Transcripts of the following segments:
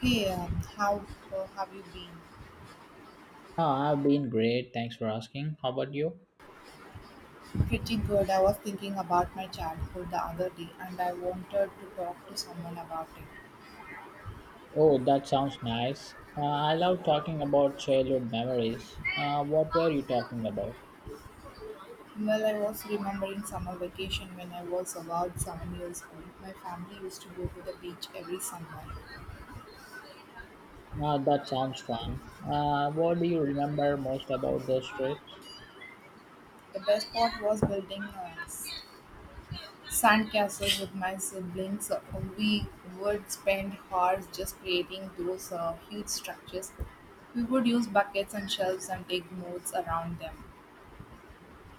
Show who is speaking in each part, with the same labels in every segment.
Speaker 1: Hey, how have you been?
Speaker 2: I've been great. Thanks for asking. How about you?
Speaker 1: Pretty good. I was thinking about my childhood the other day and I wanted to talk to someone about it.
Speaker 2: Oh, that sounds nice. I love talking about childhood memories. What were you talking about?
Speaker 1: Well, I was remembering summer vacation when I was about 7 years old. My family used to go to the beach every summer.
Speaker 2: Ah, that sounds fun. What do you remember most about those trips?
Speaker 1: The best part was building sand castles with my siblings. We would spend hours just creating those huge structures. We would use buckets and shelves and take notes around them.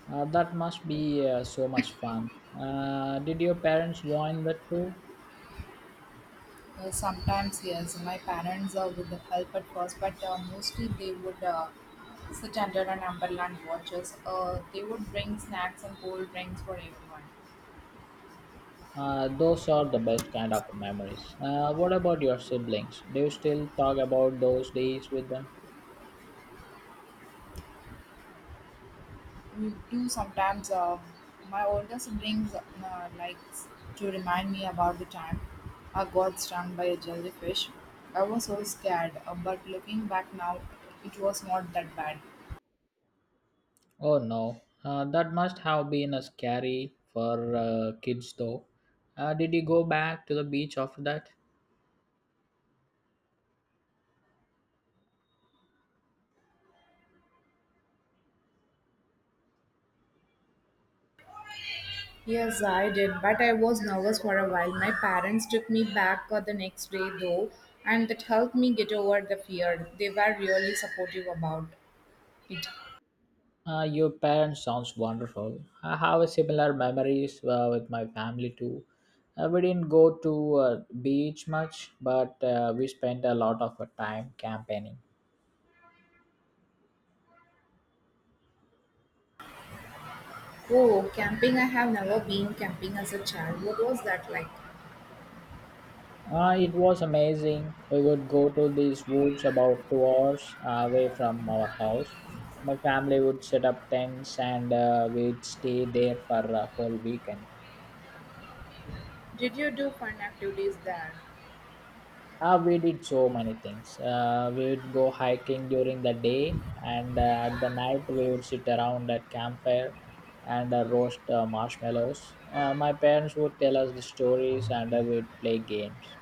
Speaker 2: That must be so much fun. Did your parents join the too?
Speaker 1: Sometimes, yes, my parents would help at first, but mostly they would sit under an umbrella and watch us. They would bring snacks and cold drinks for everyone.
Speaker 2: Those are the best kind of memories. What about your siblings? Do you still talk about those days with them?
Speaker 1: We do sometimes, my older siblings likes to remind me about the time I got stung by a jellyfish. I was so scared, but looking back now, it was not that bad.
Speaker 2: Oh no, that must have been a scary for kids though. Did you go back to the beach after that?
Speaker 1: Yes, I did, but I was nervous for a while. My parents took me back the next day, though, and that helped me get over the fear. They were really supportive about it.
Speaker 2: Your parents sounds wonderful. I have a similar memories with my family too. We didn't go to beach much, but we spent a lot of time campaigning.
Speaker 1: Oh, camping! I have never been camping as a child. What was that like?
Speaker 2: It was amazing. We would go to these woods about 2 hours away from our house. My family would set up tents and we'd stay there for a whole weekend.
Speaker 1: Did you do fun activities there?
Speaker 2: We did so many things. We'd go hiking during the day, and at the night, we would sit around at campfire and roast marshmallows. My parents would tell us the stories, and we'd play games.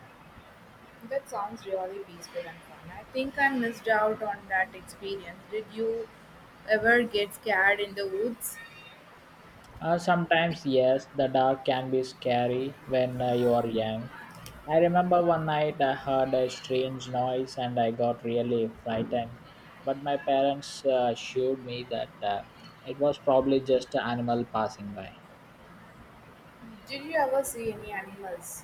Speaker 1: That sounds really peaceful and fun. I think I missed out on that experience. Did you ever get scared in the woods?
Speaker 2: Sometimes, yes, the dark can be scary when you are young. I remember one night I heard a strange noise and I got really frightened. But my parents assured me that it was probably just an animal passing by.
Speaker 1: Did you ever see any animals?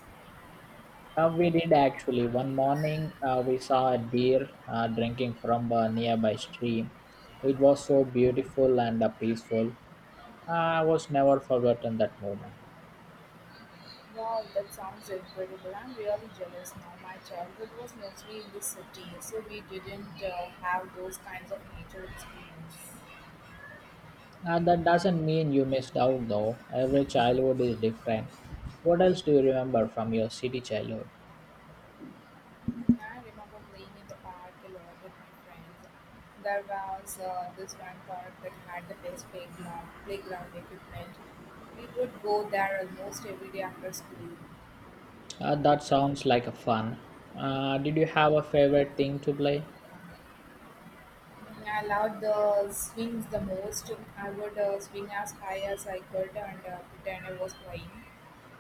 Speaker 2: We did actually. One morning we saw a deer drinking from a nearby stream. It was so beautiful and peaceful. I was never forgotten that moment.
Speaker 1: Wow, that sounds incredible. I'm really jealous now. My childhood was mostly in the city, so we didn't have those kinds of nature experience.
Speaker 2: That doesn't mean you missed out though. Every childhood is different. What else do you remember from your city childhood?
Speaker 1: And I remember playing in the park a lot with my friends. There was this one park that had the best playground equipment. We would go there almost every day after school.
Speaker 2: That sounds like a fun. Did you have a favorite thing to play?
Speaker 1: Mm, I loved the swings the most. I would swing as high as I could and pretend I was flying.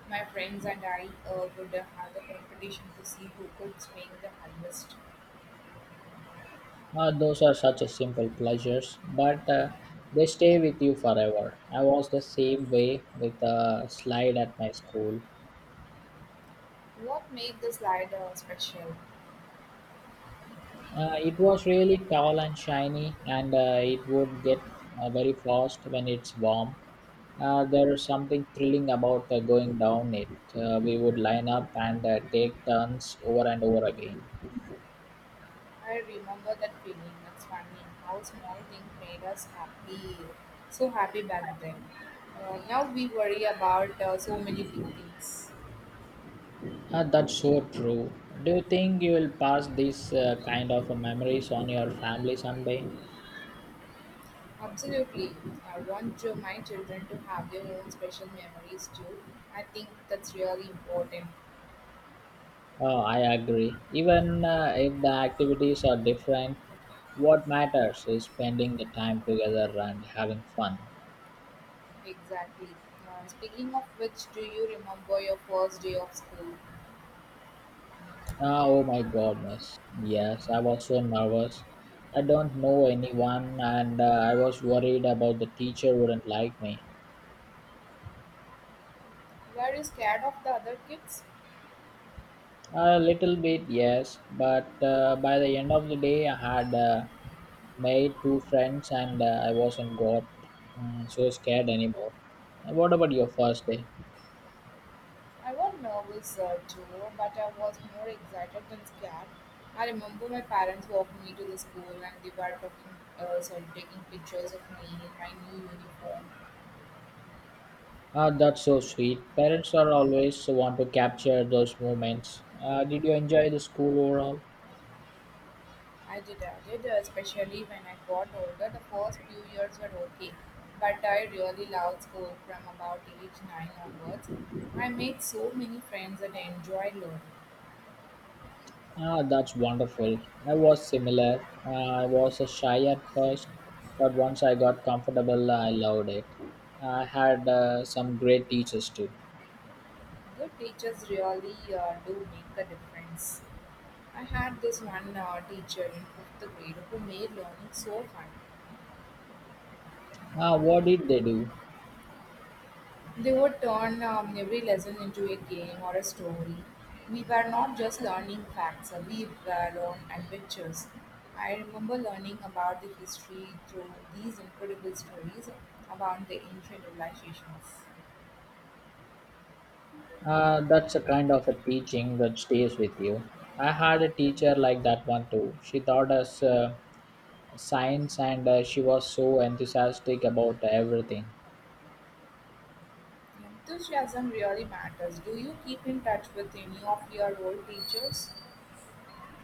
Speaker 1: My friends and I would have a competition to see who could swing the hardest.
Speaker 2: Those are such a simple pleasures, but they stay with you forever. I was the same way with a slide at my school.
Speaker 1: What made the slide special?
Speaker 2: It was really tall and shiny, and it would get very fast when it's warm. There is something thrilling about going down it. We would line up and take turns over and over again.
Speaker 1: I remember that feeling. It's funny how small things made us happy, so happy back then. Now we worry about so many big things.
Speaker 2: That's so true. Do you think you will pass this kind of memories on your family someday?
Speaker 1: Absolutely. I want my children to have their own special memories too. I think that's really important.
Speaker 2: Oh, I agree. Even if the activities are different, what matters is spending the time together and having fun.
Speaker 1: Exactly. Speaking of which, do you remember your first day of school?
Speaker 2: Ah, oh my goodness. Yes, I was so nervous. I don't know anyone and I was worried about the teacher wouldn't like me.
Speaker 1: Were you scared of the other kids?
Speaker 2: A little bit, yes, but by the end of the day, I had made two friends and I wasn't got so scared anymore. What about your first day?
Speaker 1: I was nervous too, but I was more excited than scared. I remember my parents walked me to the school and they were talking, sorry, taking pictures of me in my new uniform.
Speaker 2: Ah, that's so sweet. Parents are always want to capture those moments. Did you enjoy the school overall?
Speaker 1: I did, especially when I got older. The first few years were okay, but I really loved school from about age 9 onwards. I made so many friends and enjoyed learning.
Speaker 2: Ah, that's wonderful. I was similar. I was a shy at first, but once I got comfortable, I loved it. I had some great teachers too.
Speaker 1: Good teachers really do make a difference. I had this one teacher in fifth grade who made learning so fun.
Speaker 2: Ah, what did they do?
Speaker 1: They would turn every lesson into a game or a story. We were not just learning facts, we were on adventures. I remember learning about the history through these incredible stories about the ancient civilizations.
Speaker 2: That's a kind of a teaching that stays with you. I had a teacher like that one too. She taught us science and she was so enthusiastic about everything.
Speaker 1: Enthusiasm really matters. Do you keep in touch with any of your old teachers?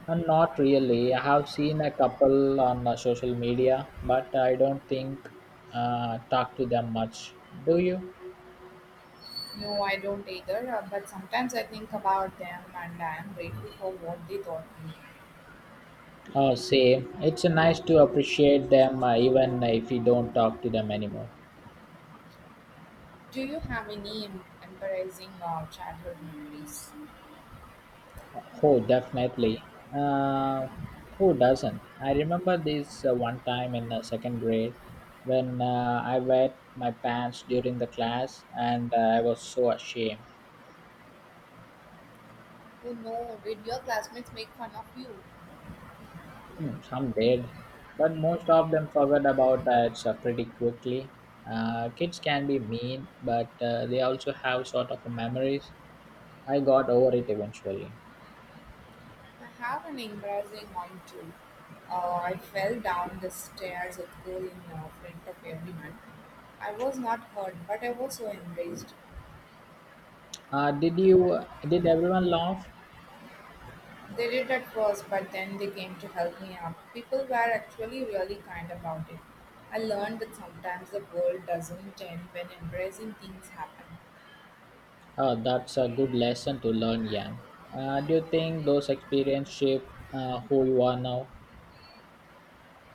Speaker 2: And not really. I have seen a couple on social media, but I don't think talk to them much. Do you?
Speaker 1: No, I don't either, but sometimes I think about them and I am grateful for what they taught me.
Speaker 2: Oh, same. It's nice to appreciate them even if you don't talk to them anymore.
Speaker 1: Do you have any embarrassing childhood memories?
Speaker 2: Oh, definitely. Uh, who doesn't? I remember this one time in second grade when I wet my pants during the class and I was so ashamed.
Speaker 1: Oh no, did your classmates make fun of you?
Speaker 2: Hmm, some did, but most of them forgot about it pretty quickly. Kids can be mean, but they also have sort of memories. I got over it eventually.
Speaker 1: I have an embarrassing one too. I fell down the stairs at school in front of everyone. I was not hurt, but I was so embarrassed.
Speaker 2: Did you? Did everyone laugh?
Speaker 1: They did at first, but then they came to help me up. People were actually really kind about it. I learned that sometimes the world doesn't end when embracing things happen.
Speaker 2: That's a good lesson to learn, Yang. Do you think those experiences shaped who you are now?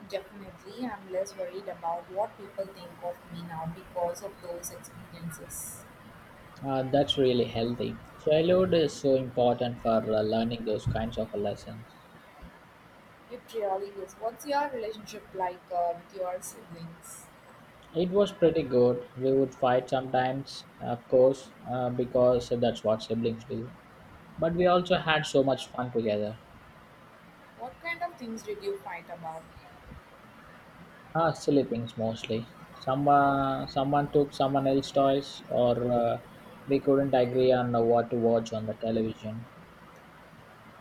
Speaker 1: Definitely, I'm less worried about what people think of me now because of those experiences.
Speaker 2: That's really healthy. Childhood is so important for learning those kinds of lessons.
Speaker 1: It really is. What's your relationship like with your siblings?
Speaker 2: It was pretty good. We would fight sometimes, of course, because that's what siblings do. But we also had so much fun together.
Speaker 1: What kind of things did you fight about?
Speaker 2: Ah, silly things mostly. Someone took someone else's toys, or we couldn't agree on what to watch on the television.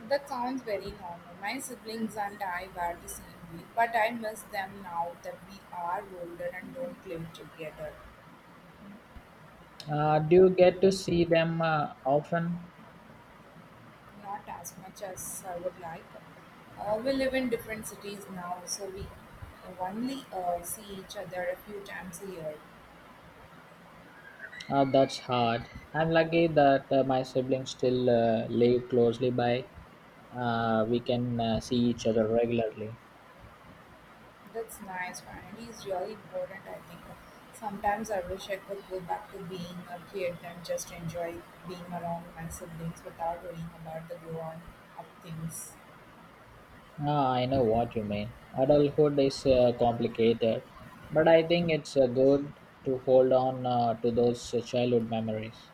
Speaker 1: That sounds very normal. My siblings and I were the same way, but I miss them now that we are older and don't live together.
Speaker 2: Do you get to see them often?
Speaker 1: Not as much as I would like. We live in different cities now, so we only see each other a few times a year.
Speaker 2: That's hard. I'm lucky that my siblings still live closely by. We can see each other regularly.
Speaker 1: That's nice. Family is really important, I think. Sometimes I wish I could go back to being a kid and just enjoy being around my siblings without worrying about the grown up things.
Speaker 2: Ah, I know what you mean. Adulthood is complicated, but I think it's good to hold on to those childhood memories.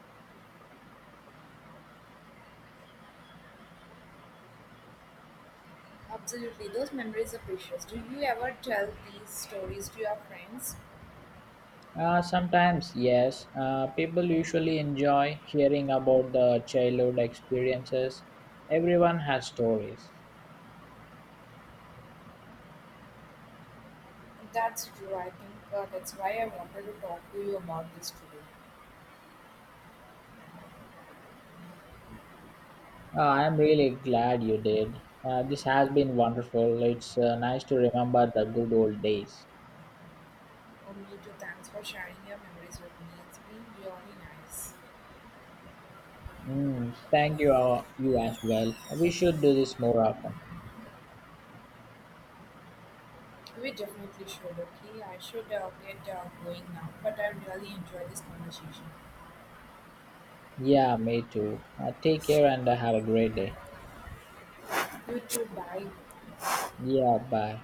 Speaker 1: Absolutely, those memories are precious. Do you ever tell these stories to your friends?
Speaker 2: Sometimes, yes. People usually enjoy hearing about the childhood experiences. Everyone has stories.
Speaker 1: That's true. I think that's why I wanted to talk to you about this today.
Speaker 2: I'm really glad you did. This has been wonderful. It's nice to remember the good old days.
Speaker 1: Oh, me too. Thanks for sharing your memories with me. It's been really nice.
Speaker 2: Mm, thank you, you as well. We should do this more often.
Speaker 1: We definitely should, okay? I should get going now, but I really enjoyed this conversation.
Speaker 2: Yeah, me too. Take care and have a great day.
Speaker 1: You too. Bye.
Speaker 2: Yeah, bye.